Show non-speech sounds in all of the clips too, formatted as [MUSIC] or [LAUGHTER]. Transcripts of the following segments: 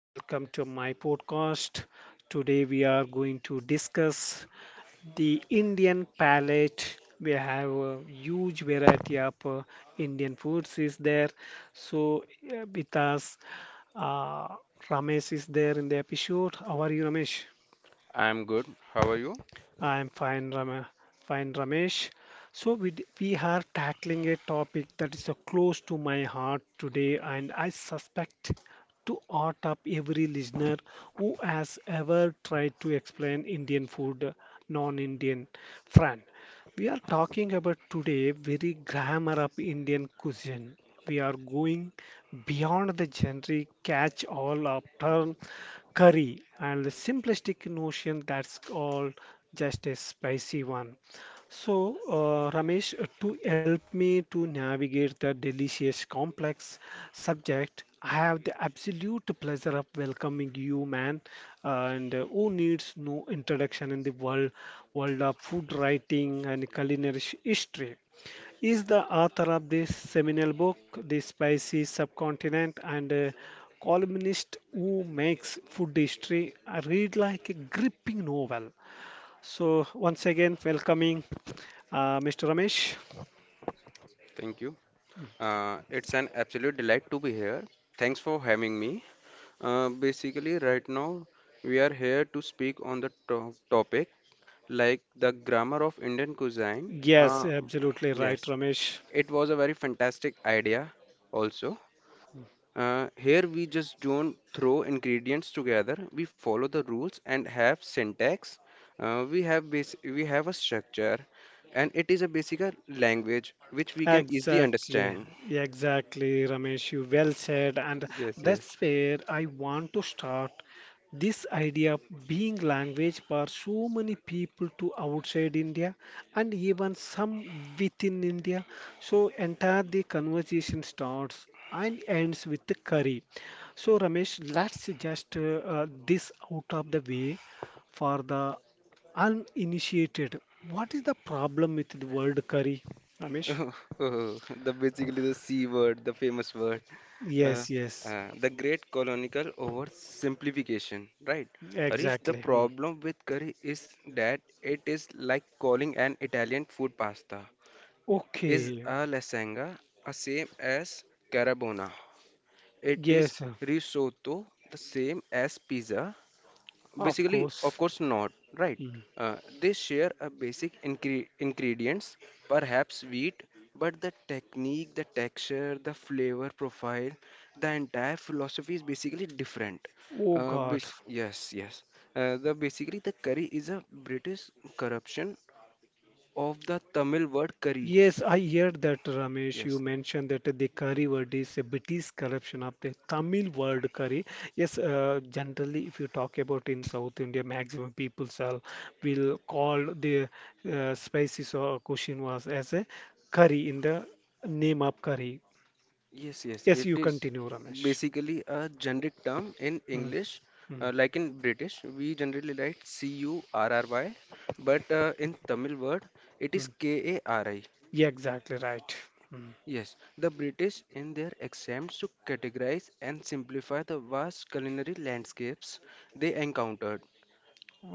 welcome to my podcast. Today we are going to discuss the Indian palate. We have a huge variety of Indian foods is there. So, with us, uh, Ramesh is there in the episode. How are you, Ramesh? I'm good. How are you? I am fine, fine, Ramesh. So we are tackling a topic that is so close to my heart today, and I suspect to art up every listener who has ever tried to explain Indian food non-Indian friend. We are talking about today very grammar of Indian cuisine. We are going beyond the generic catch-all of term curry and the simplistic notion that's called just a spicy one. So, Ramesh, to help me to navigate the delicious complex subject, I have the absolute pleasure of welcoming you, man. And who needs no introduction in the world of food writing and culinary history? Is the author of this seminal book, The Spicy Subcontinent, and a columnist who makes food history read like a gripping novel. So once again, welcoming Mr. Ramesh. Thank you. It's an absolute delight to be here. Thanks for having me. Basically, right now, we are here to speak on the to topic like the grammar of Indian cuisine. Yes, absolutely right, Yes, Ramesh. it was a very fantastic idea, also. Here we just don't throw ingredients together. We follow the rules and have syntax. We have a structure, and it is a basic language which we can easily Exactly, understand. exactly, Ramesh. You well said, and Yes, yes. that's where I want to start. This idea of being language for so many people to outside India and even some within India. So entire the conversation starts and ends with the curry. So Ramesh, let's just this out of the way for the uninitiated. What is the problem with the word curry, Ramesh? [LAUGHS] Oh, the basically, the C word, the famous word. Uh, Yes, yes, the great colonial oversimplification, right? Harish, the exactly. Mm. problem with curry is that it is like calling an Italian food pasta. Is Okay, a lasagna a same as carbona? It is yes, risotto the same as pizza? of Basically, of course. course not, right? Mm. They share a basic incre ingredients, perhaps wheat, but the technique, the texture, the flavor profile, the entire philosophy is basically different. Oh God. Bas Yes, yes. The Basically, the curry is a British corruption of the Tamil word curry. Yes, I hear that, Ramesh. You Yes. mentioned that the curry word is a British corruption of the Tamil word curry. Yes, generally, if you talk about in South India, will call the spices or cuisine was as a curry in the name of curry. Yes, yes, Yes, it you is continue, Ramesh. basically a generic term in Mm. English, mm, like in British, we generally write curry, but in Tamil word, it is mm. kari. Yeah, exactly right. Mm. Yes, the British, in their attempts to categorize and simplify the vast culinary landscapes they encountered,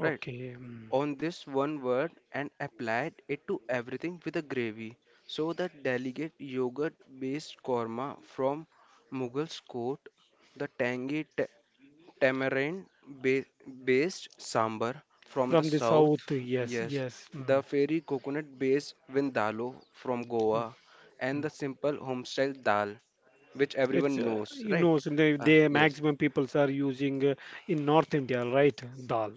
right, Okay. mm. on this one word and applied it to everything with a gravy. So the delicate yogurt-based korma from Mughal's court, the tangy tamarind-based sambar from the From the south, south, yes, yes, yes. the Mm. fairy coconut-based vindaloo from mm, Goa, mm. and the simple homestyle dal, which It's everyone knows, right? So, they Yes. maximum peoples are using in North India, right? Dal.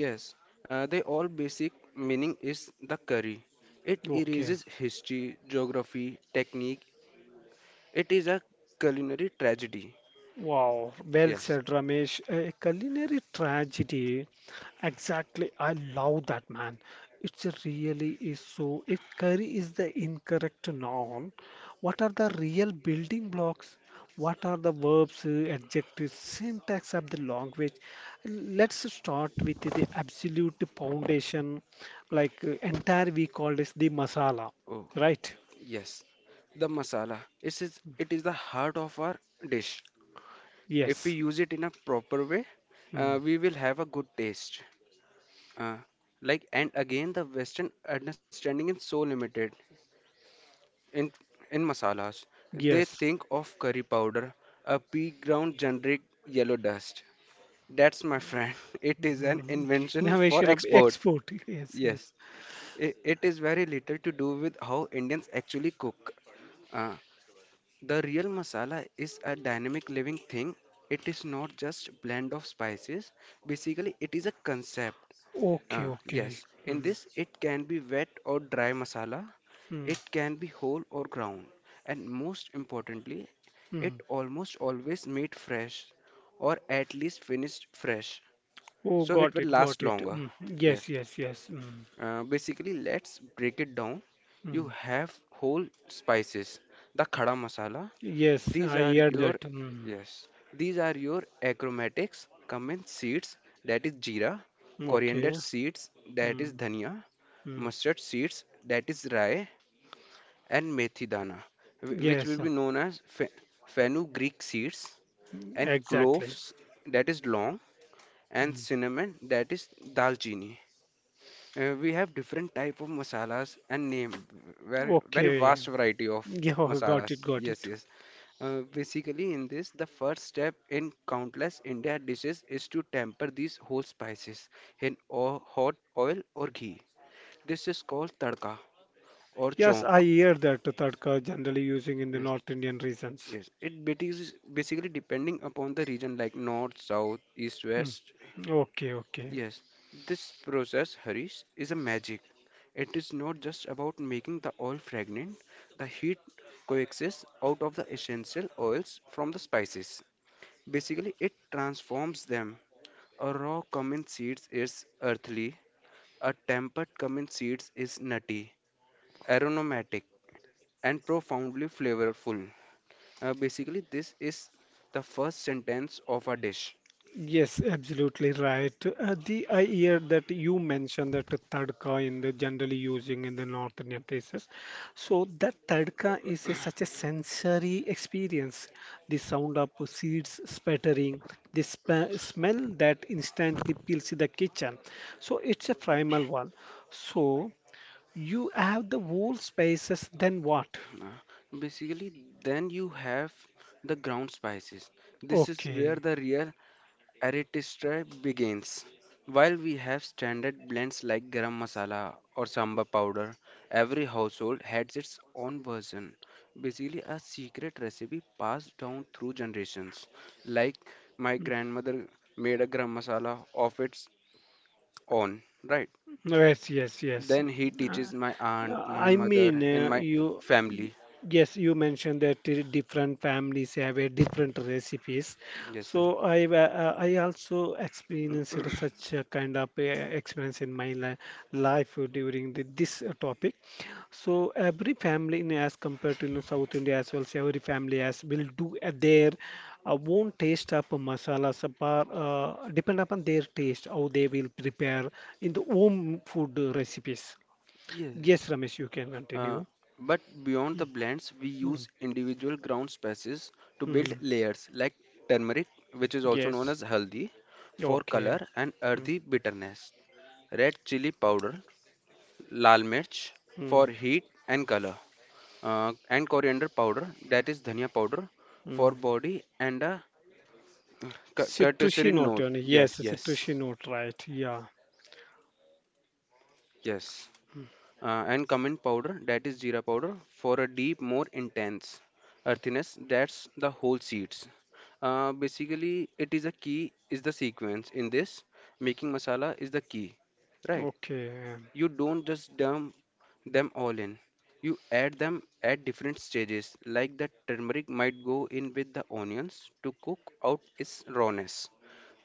Yes, they all basic meaning is the curry. It Okay. erases history, geography, technique. It is a culinary tragedy. Wow, well Yes. said, Ramesh. A culinary tragedy. Exactly. I love that man. It's a really is so. If curry is the incorrect noun, what are the real building blocks? What are the verbs, adjectives, syntax of the language? Let's start with the absolute foundation, like entire we call this the masala, Oh, right? yes. The masala. It is the heart of our dish. If we Yes. use it in a proper way, Mm. we will have a good taste. Uh, like and again, the Western understanding is so limited in in masalas. They Yes. think of curry powder, a pea ground generic yellow dust. That's my friend. [LAUGHS] It is an Mhm. invention for Innovation of export. export. Yes, Yes, yes. it is very little to do with how Indians actually cook. Uh, the real masala is a dynamic living thing. It is not just blend of spices. Basically, it is a concept. Okay, okay. Yes, in Mm, this it can be wet or dry masala. mm, It can be whole or ground. And most importantly, it mm. almost always made fresh or at least finished fresh. Oh, So it got will it, last got it. longer. Mm. Yes, Yes. yes, yes. Mm, Basically, let's break it down. You mm. have whole spices, the khada masala. Yes, These I are hear your that. Mm. Yes. These are your acromatics. Come in seeds. That is jeera. Coriander Okay. seeds. That is Mm, dhania. mm. Mustard seeds. That is rye. And methi dana, which Yes, will be known as fenugreek seeds. mm, And exactly. cloves. That is long. And Mm. cinnamon. That is dalchini. We have different type of masalas and name very very Okay. vast variety of Yeah, [LAUGHS] got it, masalas. got Yes, it. yes. Basically, in this, the first step in countless India dishes is to temper these whole spices in hot oil or ghee. This is called tadka or Yes, chonk. I hear that the tadka generally using in the Yes, North Indian regions. yes. It bit is basically depending upon the region like north, south, east, Mm. west. Okay, okay. Yes. This process, Harish, is a magic. It is not just about making the oil fragrant, the heat coaxes out of the essential oils from the spices. Basically, it transforms them. A raw cumin seeds is earthly, a tempered cumin seeds is nutty, aromatic, and profoundly flavorful. Basically, this is the first sentence of a dish. Yes, absolutely right. The I hear that you mentioned that the tadka in the generally using in the north Indian places. So that tadka is a, such a sensory experience. The sound of seeds sputtering, the sp smell that instantly fills the kitchen. So it's a primal one. So you have the whole spaces, then what? Uh, Basically, then you have the ground spices. This is where Okay. the real artistry begins. While we have standard blends like garam masala or sambar powder, every household has its own version. Basically, a secret recipe passed down through generations. Like my Mm, grandmother made a garam masala of its own, right? Yes, yes, yes. Then he Uh, teaches my aunt, Uh, my I mean, mother, and uh, my you, y- family. yes, you mentioned that different families have a different recipes. Yes, So I also yes. experienced [COUGHS] such a kind of experience in my li life during this topic. So every family in as compared to you know, South India as well, so every family as will do their own taste of masalas, bar, depend upon their taste how they will prepare in the home food recipes. Yes, Yes. Ramesh, you can Uh, continue. but beyond the blends, we Mm, use individual ground spices to build mm, layers like turmeric, which is also known yes. as haldi, for Okay. color and Mm, earthy bitterness, red chili powder, lal mirch mm, for heat and color, and coriander powder, that is dhania powder, for mm. body and a Citrusy curtisory note, note. Johnny. Yes, Yes, yes, citrusy note, right? Yeah. yes. And cumin powder, that is jeera powder, for a deep, more intense earthiness. That's the whole seeds. Basically, it is a key, is the sequence in this. Making masala is the key, right? Okay. You don't just dump them all in. You add them at different stages, like the turmeric might go in with the onions to cook out its rawness.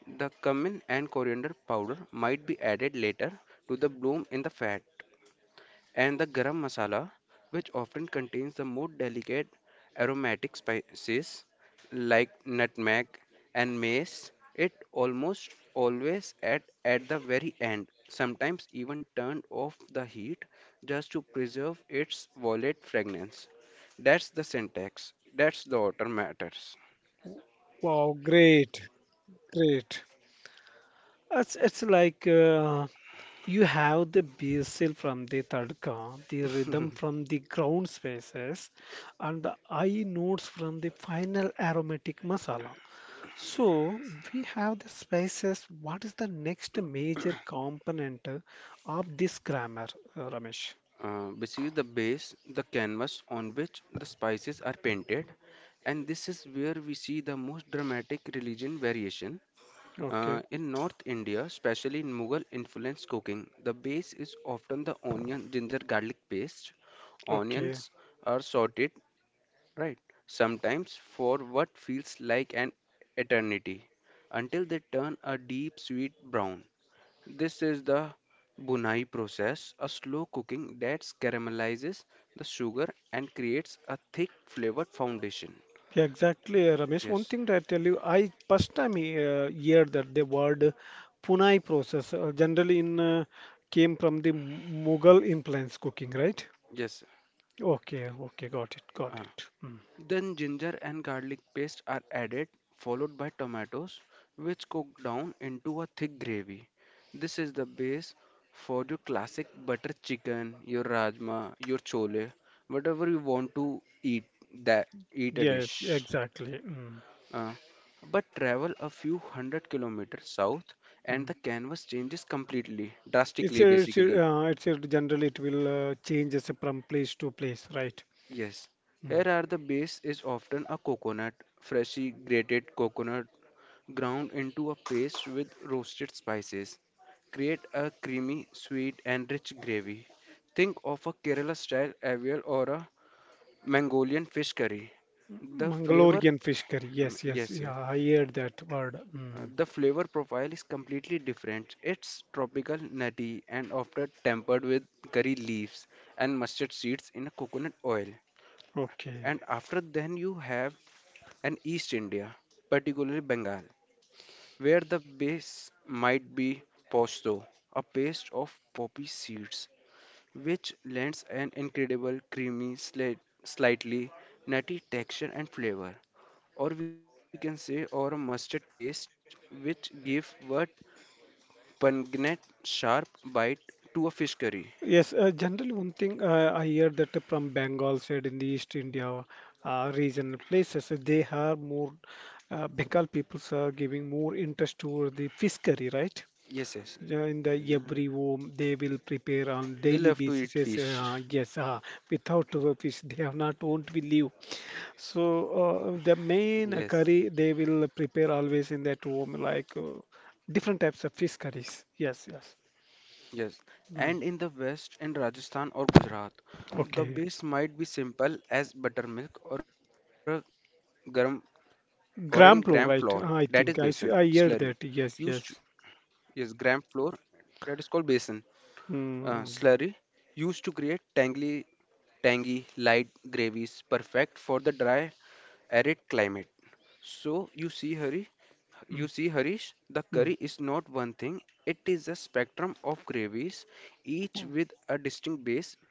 The cumin and coriander powder might be added later to the bloom in the fat and the garam masala, which often contains the more delicate aromatic spices like nutmeg and mace. It almost always at the very end, sometimes even turned off the heat just to preserve its violet fragrance. That's the syntax. That's the author matters. Wow, great, great. It's like you have the basil from the tadka, the rhythm [LAUGHS] from the ground spaces, and the I notes from the final aromatic masala. So we have the spaces. What is the next major component of this grammar, Ramesh? Basically, the base, the canvas on which the spices are painted, and this is where we see the most dramatic religion variation. Okay, In North India, especially in Mughal influenced cooking, the base is often the onion ginger garlic paste. okay. Onions are sorted, right? Sometimes for what feels like an eternity, until they turn a deep sweet brown. This is the bunai process, a slow cooking that caramelizes the sugar and creates a thick flavored foundation. Yeah, exactly, Ramesh. One Yes, thing that I tell you, I first time hear that the word Punai process generally in came from the Mughal influence cooking, right? yes. Okay, okay, got it, got uh. it. Mm. Then ginger and garlic paste are added, followed by tomatoes, which cook down into a thick gravy. This is the base for your classic butter chicken, your rajma, your chole, whatever you want to eat that eat a Yes, dish. exactly. Mm, Uh, but travel a few hundred kilometers south and mm. the canvas changes completely, drastically It's basically. Generally it will changes from place to place, right? Yes. Mm. Here are the base is often a coconut, freshly grated coconut ground into a paste with roasted spices. Create a creamy, sweet and rich gravy. Think of a Kerala style avial or a Mongolian fish curry. The flavor, Mangalorean fish curry. Mm, Yes, yes, yes, yes. yeah, I hear that word. Mm. The flavor profile is completely different. It's tropical, nutty, and often tempered with curry leaves and mustard seeds in a coconut oil. Okay. And after then, you have an East India, particularly Bengal, where the base might be posto, a paste of poppy seeds, which lends an incredible creamy, slightly nutty texture and flavor. Or we can say, or a mustard paste, which give what pungent, sharp bite to a fish curry. Yes, generally one thing I hear that from Bengal side in the East India regional places, they are more Bengal peoples are giving more interest to the fish curry, right? Yes, yes. Yeah, in the every Uh, home they will They prepare love to on eat daily fish. basis yes, yes without fish they have not won't will live so the Yes, main curry they will prepare always in that home like different types of fish curries yes yes yes. Mm. And in the West, in Rajasthan or Gujarat, the okay. base might be simple as buttermilk or a gram or in gram flour. That Gramplo is right besan, I think slurry. I heard Used to- that yes yes. yes, gram flour. That is called besan, slurry. mm. Used to create tangy, light gravies, perfect for the dry, arid climate. So you see, Hari, You Mm. see, Harish, the curry is not one thing, it is a spectrum of gravies, each Mm. with a distinct base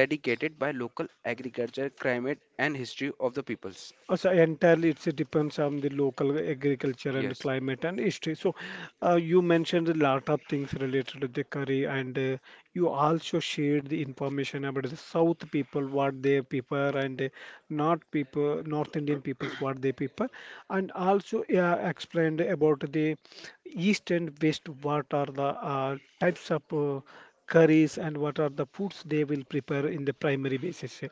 dedicated by local agriculture, climate, and history of the peoples. Also, entirely it depends on the local agriculture and climate Yes, and history. So, you mentioned a lot of things related to the curry and you also shared the information about the south people what they prefer and north indian peoples what they prefer and also yeah, explained about the east and west what are the types of curries and what are the foods they will prepare in the primary basis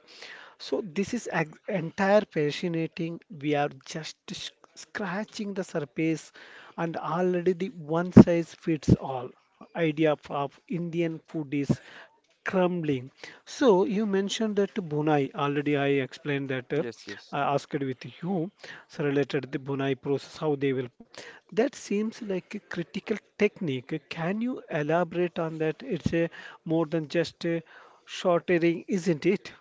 so this is entire fascinating we are just scratching the surface and already the one size fits all idea of Indian food is crumbling. So you mentioned that Bunai already I explained that yes, I yes, asked with you so related the Bunai process how they will that seems like a critical technique. Can you elaborate on that? It's a more than just a shortening, isn't it?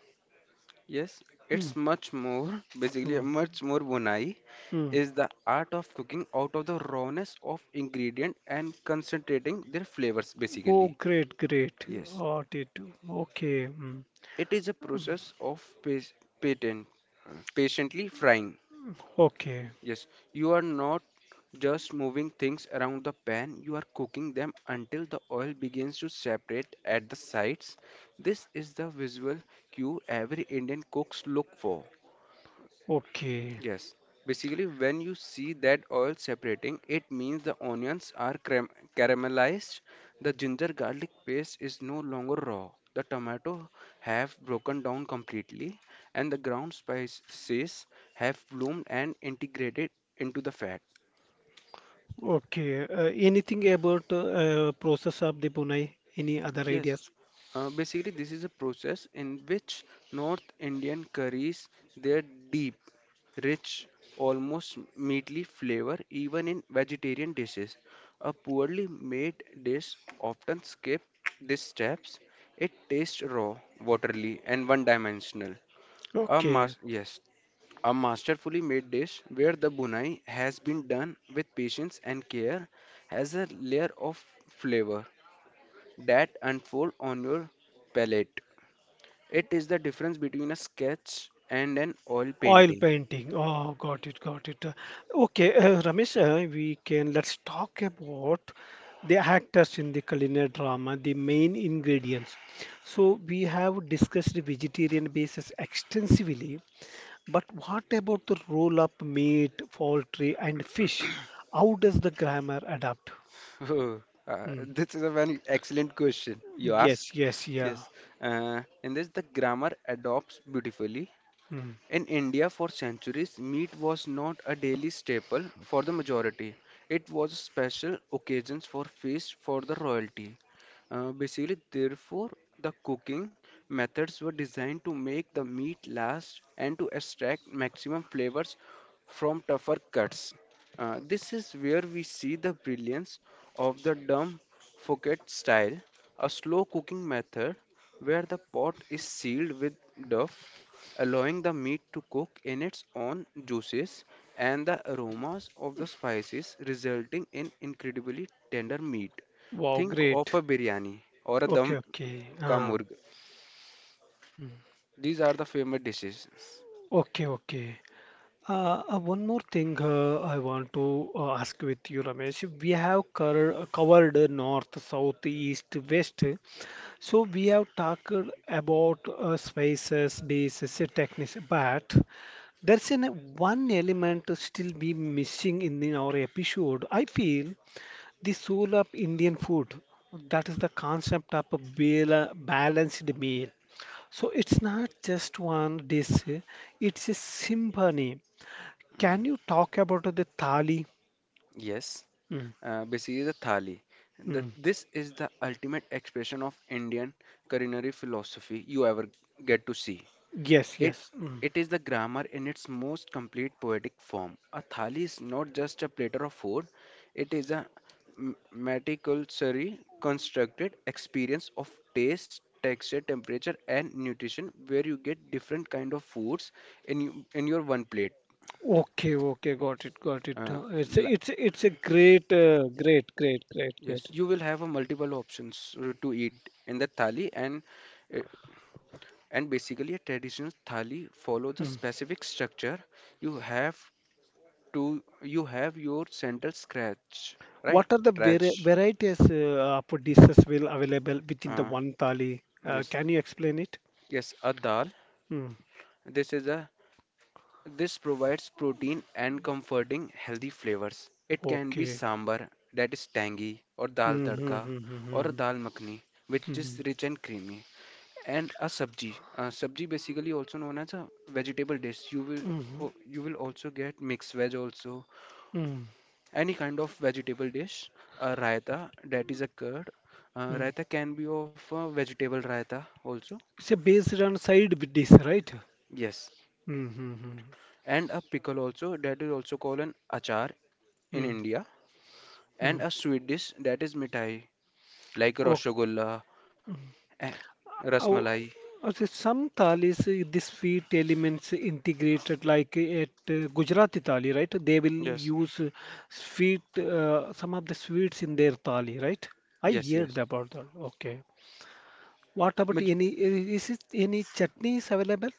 yes. Hmm. It's much more, [LAUGHS] basically, Hmm. much more bunai Hmm. is the art of cooking out of the rawness of ingredient and concentrating their flavors, Oh, basically. great, great. Yes, Got it. Okay. mm, it is a process of patent, patiently frying. Okay. Yes, you are not just moving things around the pan, you are cooking them until the oil begins to separate at the sides. This is the visual cue every Indian cooks look for. Okay. Yes, basically, when you see that oil separating, it means the onions are caramelized, the ginger garlic paste is no longer raw, the tomato have broken down completely, and the ground spices have bloomed and integrated into the fat. Okay. Anything about process of the Bunai? Any other Yes, ideas? Basically this is a process in which North Indian curries their deep, rich, almost meaty flavor even in vegetarian dishes. A poorly made dish often skips these steps. It tastes raw, watery, and one-dimensional. A Okay. mas Yes, a masterfully made dish where the bunai has been done with patience and care has a layer of flavor that unfold on your palette. It is the difference between a sketch and an oil Oil painting. painting. Oh, got it, got it. Okay, Ramesh, we can let's talk about the actors in the culinary drama, the main ingredients. So we have discussed the vegetarian basis extensively, but what about the roll up meat, poultry, and fish? How does the grammar adapt? [LAUGHS] Oh, Hmm. this is a very excellent question you Yes, asked. yes, yeah. Yes, in this the grammar adopts beautifully. Hmm. In India, for centuries, meat was not a daily staple for the majority. It was special occasions for feast for the royalty. Basically, therefore, the cooking methods were designed to make the meat last and to extract maximum flavors from tougher cuts. This is where we see the brilliance of the Dum fouquet style, a slow cooking method where the pot is sealed with duff allowing the meat to cook in its own juices and the aromas of the spices, resulting in incredibly tender meat. Wow, Think of great. a biryani or a Okay, dum okay. ka Ah, murg. These are the famous dishes. okay, okay. One more thing I want to ask with you, Ramesh. We have covered north, south, east, west. So we have talked about spaces, bases, techniques, but there's one element still be missing in our episode. I feel the soul of Indian food. That is the concept of a balanced meal. So it's not just one dish, it's a symphony. Can you talk about the thali? Yes, Mm, basically the thali. The, mm. this is the ultimate expression of Indian culinary philosophy you ever get to see. Yes, It yes. Mm. it is the grammar in its most complete poetic form. A thali is not just a platter of food; it is a meticulously constructed experience of taste, texture, temperature, and nutrition, where you get different kind of foods in your one plate. Okay, okay, got it, got it. Uh, It's a, la- it's a, it's a great, great. yes, you will have a multiple options to eat in the thali, uh, and basically a traditional thali follows a Mm. specific structure. You have to you have your center scratch, right? What are the Scratch. varieties of dishes will available within the Uh, one thali? Yes, Can you explain it? yes. A dal. Mm. This is a This provides protein and comforting healthy flavors. It can be Okay. sambar that is tangy, or dal Mm-hmm. tadka, or a Mm-hmm. dal makhni which is rich and creamy, and a sabji. Sabji basically also known as a vegetable dish. You will also get mixed veg also, Mm-hmm. any kind of vegetable dish, a raita that is a curd. Raita can be of a vegetable raita also. It's a based on side with this, right? Yes, Mm-hmm. and a pickle also that is also called an achar in India, Mm-hmm. and a sweet dish that is mithai like rasgulla, eh, Oh, rasmalai. So some thalis, the sweet elements integrated like at Gujarati thali, right? They will Yes, use sweet, some of the sweets in their thali, right? I yes, heard yes. about that. Okay. What Maj- about is it any chutneys available?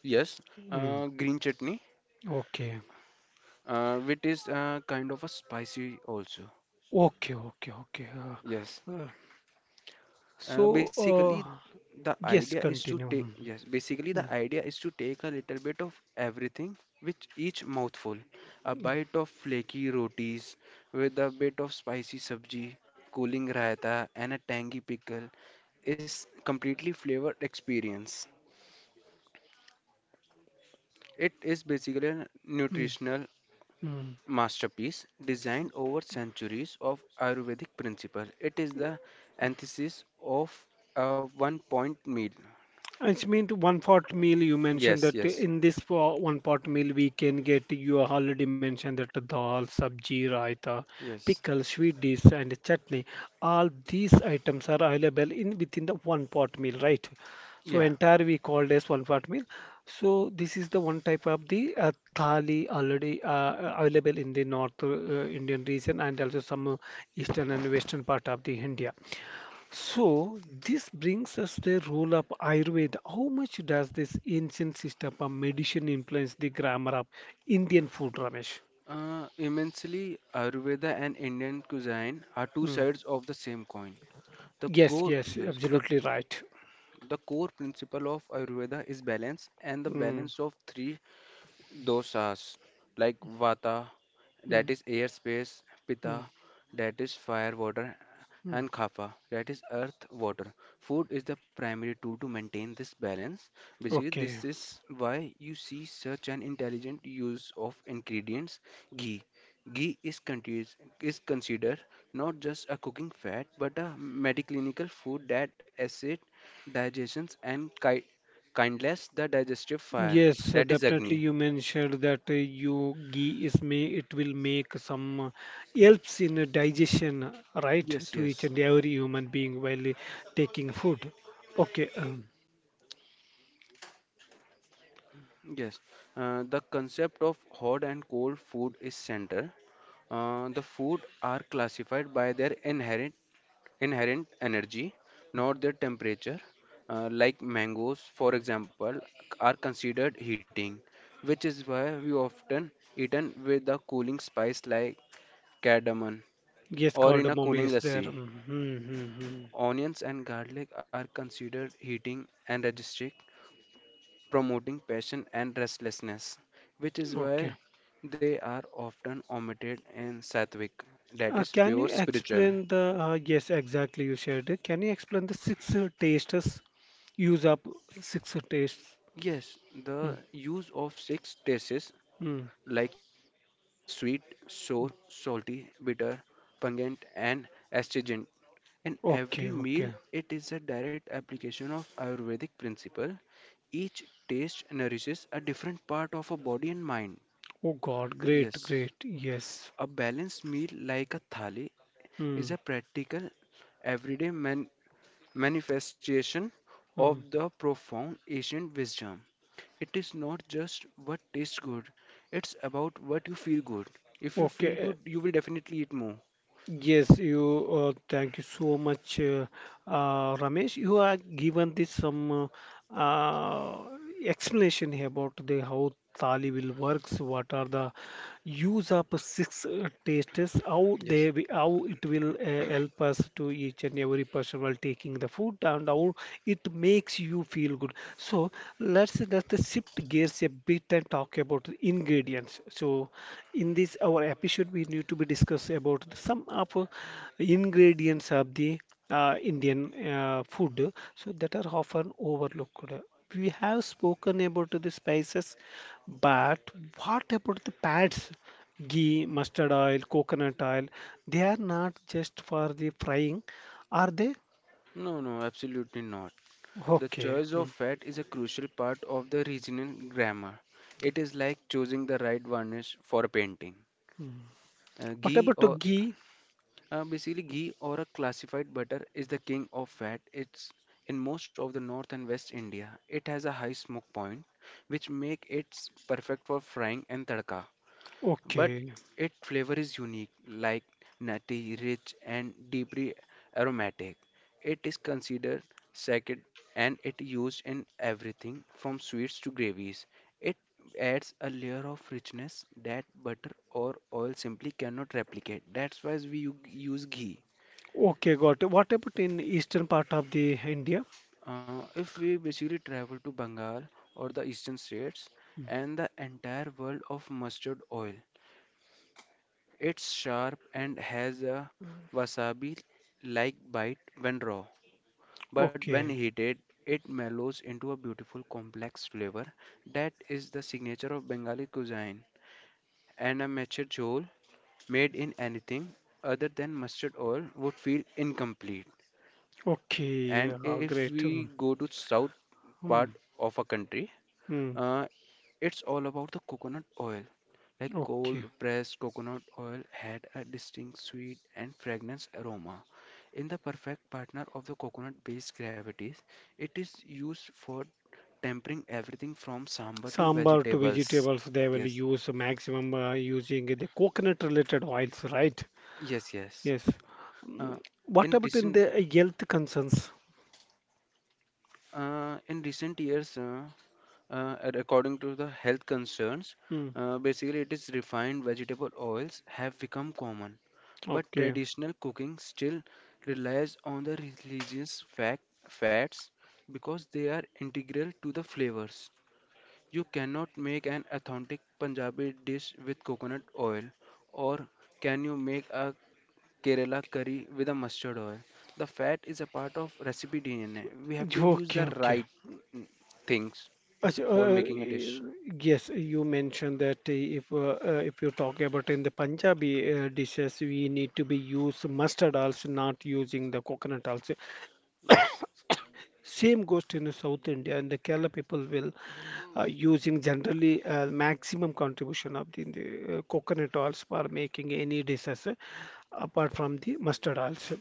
yes, Mm, green chutney, okay. Which is kind of a spicy also. Okay, okay, okay. Yes, So, basically, the idea yes, is to take, continue. yes, basically, the Mm, idea is to take a little bit of everything with each mouthful. A bite of flaky rotis with a bit of spicy sabji, cooling raita, and a tangy pickle is completely flavored experience. It is basically a mm, nutritional mm. masterpiece designed over centuries of Ayurvedic principle. It is the antithesis of a one-point meal. It means one pot meal. You mentioned Yes, that yes, in this for one pot meal we can get. You already mentioned that dal, sabji, raita, yes. pickle, sweet dish, and chutney. All these items are available in within the one pot meal, right? Yeah, So entire we called as one pot meal. So this is the one type of the thali already available in the North Indian region and also some Eastern and Western part of the India. So this brings us the role of Ayurveda. How much does this ancient system of medicine influence the grammar of Indian food, Ramesh? Immensely, Ayurveda and Indian cuisine are two Mm. sides of the same coin. The Yes, core, yes, yes, the absolutely right. the core principle of Ayurveda is balance, and the Mm. balance of three dosas like vata that Mm. is air space, Mm. pitta that is fire water, Mm. and kapha that is earth water. Food is the primary tool to maintain this balance. Basically this Okay. is why you see such an intelligent use of ingredients. Ghee, ghee is conti- is considered not just a cooking fat but a mediclinical food that acids digestions and kindles the digestive fire, Yes, so that is definitely agni. you mentioned that you ghee is may it will make some helps in digestion, right, Yes, to each yes, and every human being while taking food. Okay. Yes. The concept of hot and cold food is center. The food are classified by their inherent energy, not their temperature. Like mangoes, for example, are considered heating, which is why we often eaten with a cooling spice like cardamom Yes, or in a cardamom cooling is there. lassi. Mm-hmm, mm-hmm. Onions and garlic are considered heating and energetic, promoting passion and restlessness, which is Okay. why they are often omitted in Sattvic, that is Can pure you spiritual. explain the, yes, exactly, you shared it. Can you explain the six tastes, use up six tastes? Yes, the Mm-hmm, use of six tastes mm-hmm. like sweet, sour, salty, bitter, pungent, and astringent in every Okay, meal, okay. it is a direct application of Ayurvedic principle. Each taste nourishes a different part of a body and mind. Oh God, great, Yes, great. Yes. a balanced meal like a thali is Mm, a practical, everyday manifestation mm. of the profound ancient wisdom. It is not just what tastes good, it's about what you feel good. If you feel Okay. good, you will definitely eat more. Yes, you thank you so much, Ramesh. You are given this some uh, uh, explanation here about the how thali will works. What are the use up six tastes? How they Yes. How it will help us to each and every person while taking the food and how it makes you feel good. So let's shift gears a bit and talk about ingredients. So in this our episode we need to be discuss about some of ingredients of the Indian food, so that are often overlooked. We have spoken about the spices, but what about the pads? Ghee, mustard oil, coconut oil, they are not just for the frying, are they? No, no, absolutely not. The Okay. choice of Mm. fat is a crucial part of the regional grammar. It is like choosing the right varnish for a painting. What Ghee about the or ghee? Basically, ghee or a classified butter is the king of fat. It's in most of the north and west India. It has a high smoke point, which make it perfect for frying and tadka, but Okay. its flavor is unique, like nutty, rich, and deeply aromatic. It is considered sacred and it used in everything from sweets to gravies. It adds a layer of richness that butter or oil simply cannot replicate. That's why we use ghee. Okay, got it. What about in eastern part of the India? If we basically travel to Bengal or the eastern states and the entire world of mustard oil, it's sharp and has a wasabi like bite when raw, but when Okay. heated, it mellows into a beautiful complex flavor that is the signature of Bengali cuisine. And a mature jhol made in anything other than mustard oil would feel incomplete. Okay. And if Great. we Mm. go to south part Mm. of a country, Mm. uh, it's all about the coconut oil. Like Okay. cold pressed coconut oil had a distinct sweet and fragrance aroma. In the perfect partner of the coconut based gravities, it is used for tempering everything from sambar to Sambar to vegetables. vegetables, they will Yes, use maximum using the coconut related oils, right? yes, yes. Yes. Uh, What in about in recent the health concerns? In recent years, and according to the health concerns, Hmm. Basically it is refined vegetable oils have become common, but Okay. traditional cooking still relies on the religious fact, fats because they are integral to the flavors. You cannot make an authentic Punjabi dish with coconut oil, or can you make a Kerala curry with a mustard oil? The fat is a part of recipe DNA. We have to use Okay, the okay. right mm, things Ach- for Uh, making a uh, dish. yes, you mentioned that if you talk about in the Punjabi dishes, we need to be use mustard also, not using the coconut also. Yes, Same goes to, you know, South India and the Kerala people will using generally maximum contribution of the coconut oils for making any dishes apart from the mustard oils.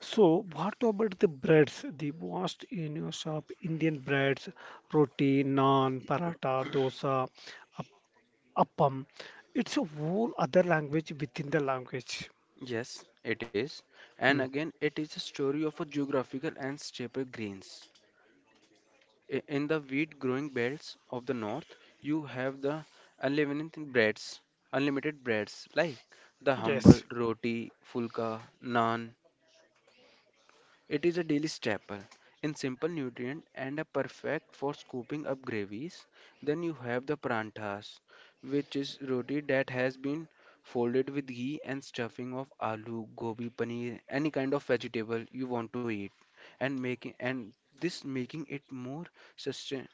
So what about the breads? The vast in your shop Indian breads, roti, naan, paratha, dosa, ap- appam. It's a whole other language within the language. yes, it is. And Mm. again, it is a story of a geographical and staple grains. In the wheat growing belts of the north, you have the unlimited breads, unlimited breads like the humble Yes. roti, fulka, naan. It is a daily staple, in simple nutrient and a perfect for scooping up gravies. Then you have the prantas, which is roti that has been folded with ghee and stuffing of aloo, gobi, paneer, any kind of vegetable you want to eat, and making and this making it more sustain,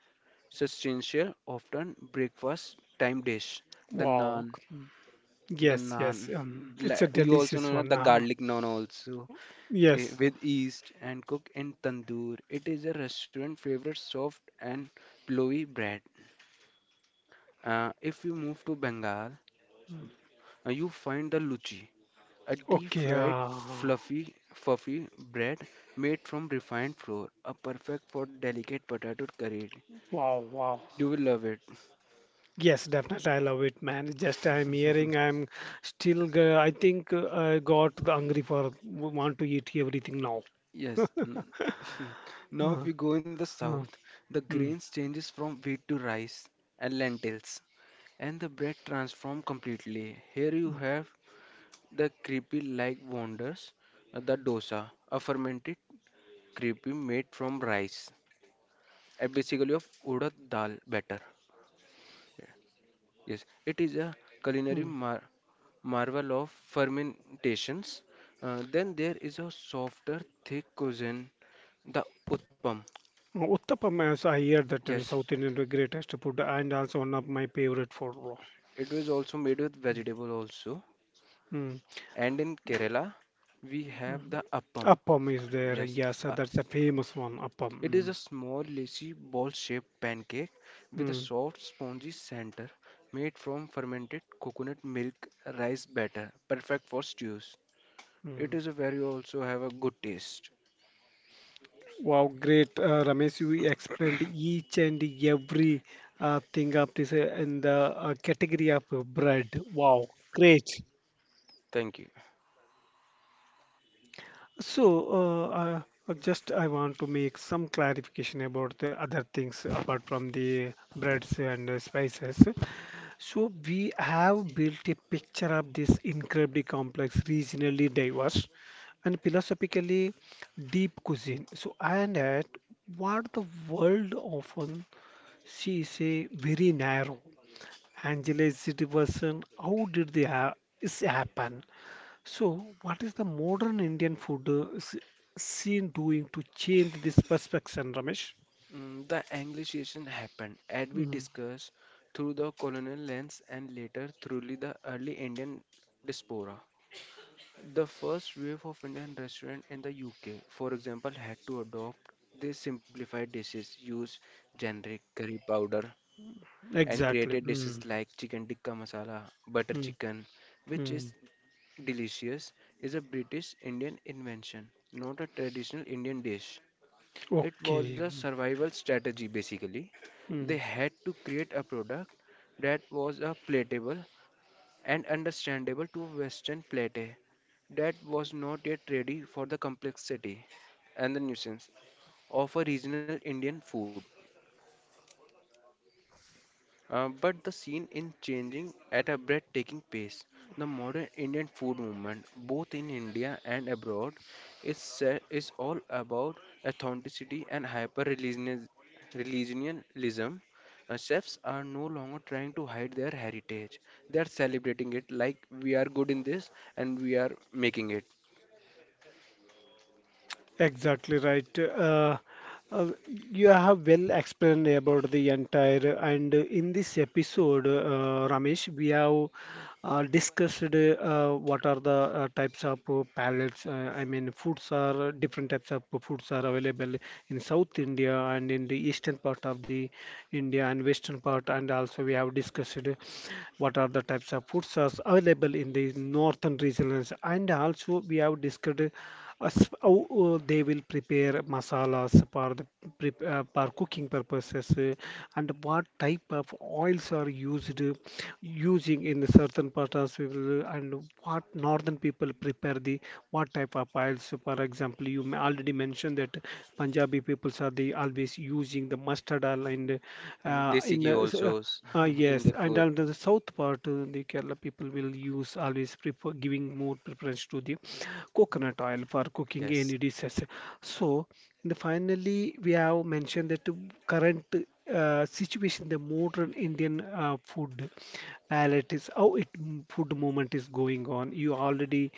substantial, often breakfast time dish. The Wow. naan, Mm. the Yes, yes. naan, It's a you also delicious know one. the Ah. garlic naan also, Yes. with yeast and cook in tandoor. It is a restaurant favorite soft and pillowy bread. If you move to Bengal, you find the luchi, a deep Okay. fried, fluffy bread made from refined flour, a perfect for delicate potato curry. Wow. Wow. You will love it. Yes, definitely. I love it, man. It's just I'm hearing. I'm still. I think I got the hungry for want to eat everything now. [LAUGHS] Yes. Mm. [LAUGHS] Now, Uh, if we go in the uh, south, the mm, grains changes from wheat to rice and lentils, and the bread transform completely. Here you have the creepy like wonders, the dosa, a fermented creepy made from rice, basically of urad dal batter. Yes, it is a culinary mm. Marvel of fermentations. Then there is a softer, thick cuisine, the utpam. Uttapam, as I hear that in Yes, South Indian the greatest food and also one of my favorite food, bro. it was also made with vegetable also. Mm, And in Kerala, we have mm. the appam. Appam is there. Yes, Yes, uh, that's a famous one. Appam. it is Mm, a small, lacy, ball shaped pancake with a mm, soft, spongy center made from fermented coconut milk rice batter, perfect for stews. It mm. is a very also have a good taste. Wow, great, Ramesh. You explained each and every thing of this in the category of bread. Wow, great. Thank you. So, just I want to make some clarification about the other things apart from the breads and spices. So, we have built a picture of this incredibly complex, regionally diverse, and philosophically deep cuisine. So, and at what the world often She is a very narrow. Angela is the person. How did they ha this happen? So, what is the modern Indian food scene doing to change this perception, Ramesh? Mm, the Anglicization happened, as we Mm, discussed, through the colonial lens and later through the early Indian diaspora. The first wave of Indian restaurant in the UK, for example, had to adopt these simplified dishes, use generic curry powder, and exactly. created dishes Mm, like chicken tikka masala, butter mm, chicken, which mm. is delicious, is a British Indian invention, not a traditional Indian dish. It was Okay. a survival strategy basically. They Mm. had to create a product that was a palatable and understandable to a Western plate that was not yet ready for the complexity and the nuisance of a regional Indian food. But the scene is changing at a breathtaking pace. The modern Indian food movement, both in India and abroad, is all about authenticity and hyper religionism. Chefs are no longer trying to hide their heritage, they are celebrating it like we are good in this and we are making it. Exactly right. Uh, you have well explained about the entire, and in this episode, Ramesh, we have discussed what are the types of palates. I mean, foods are different types of foods are available in South India and in the eastern part of the India and western part, and also we have discussed what are the types of foods are available in the northern regions, and also we have discussed. Oh, oh, they will prepare masalas for the for cooking purposes and what type of oils are used using in the certain parts of people, and what northern people prepare the what type of oils. So, for example, you already mentioned that Punjabi peoples are the always using the mustard oil and And uh, desi in ghee uh, s- uh, also [LAUGHS] in yes, their and food. on the south part, the Kerala people will use always prefer giving more preference to the coconut oil for cooking Yes, any dishes. So, in the finally, we have mentioned that current situation, the modern Indian food palate is how it food movement is going on. You already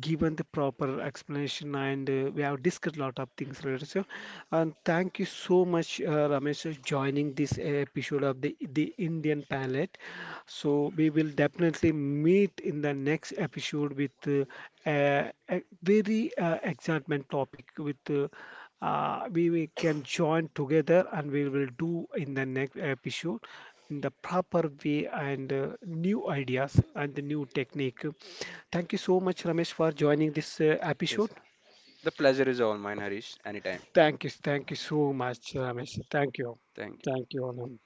given the proper explanation, and we have discussed a lot of things related. So, and thank you so much, Ramesh, for joining this episode of the Indian Palette. So we will definitely meet in the next episode with a very excitement topic. With we can join together and we will do in the next episode in the proper way and new ideas and the new technique. Thank you so much, Ramesh, for joining this yes. episode. The pleasure is all mine, Harish, anytime. Thank you so much, Ramesh. Thank you. Thank you, Anand.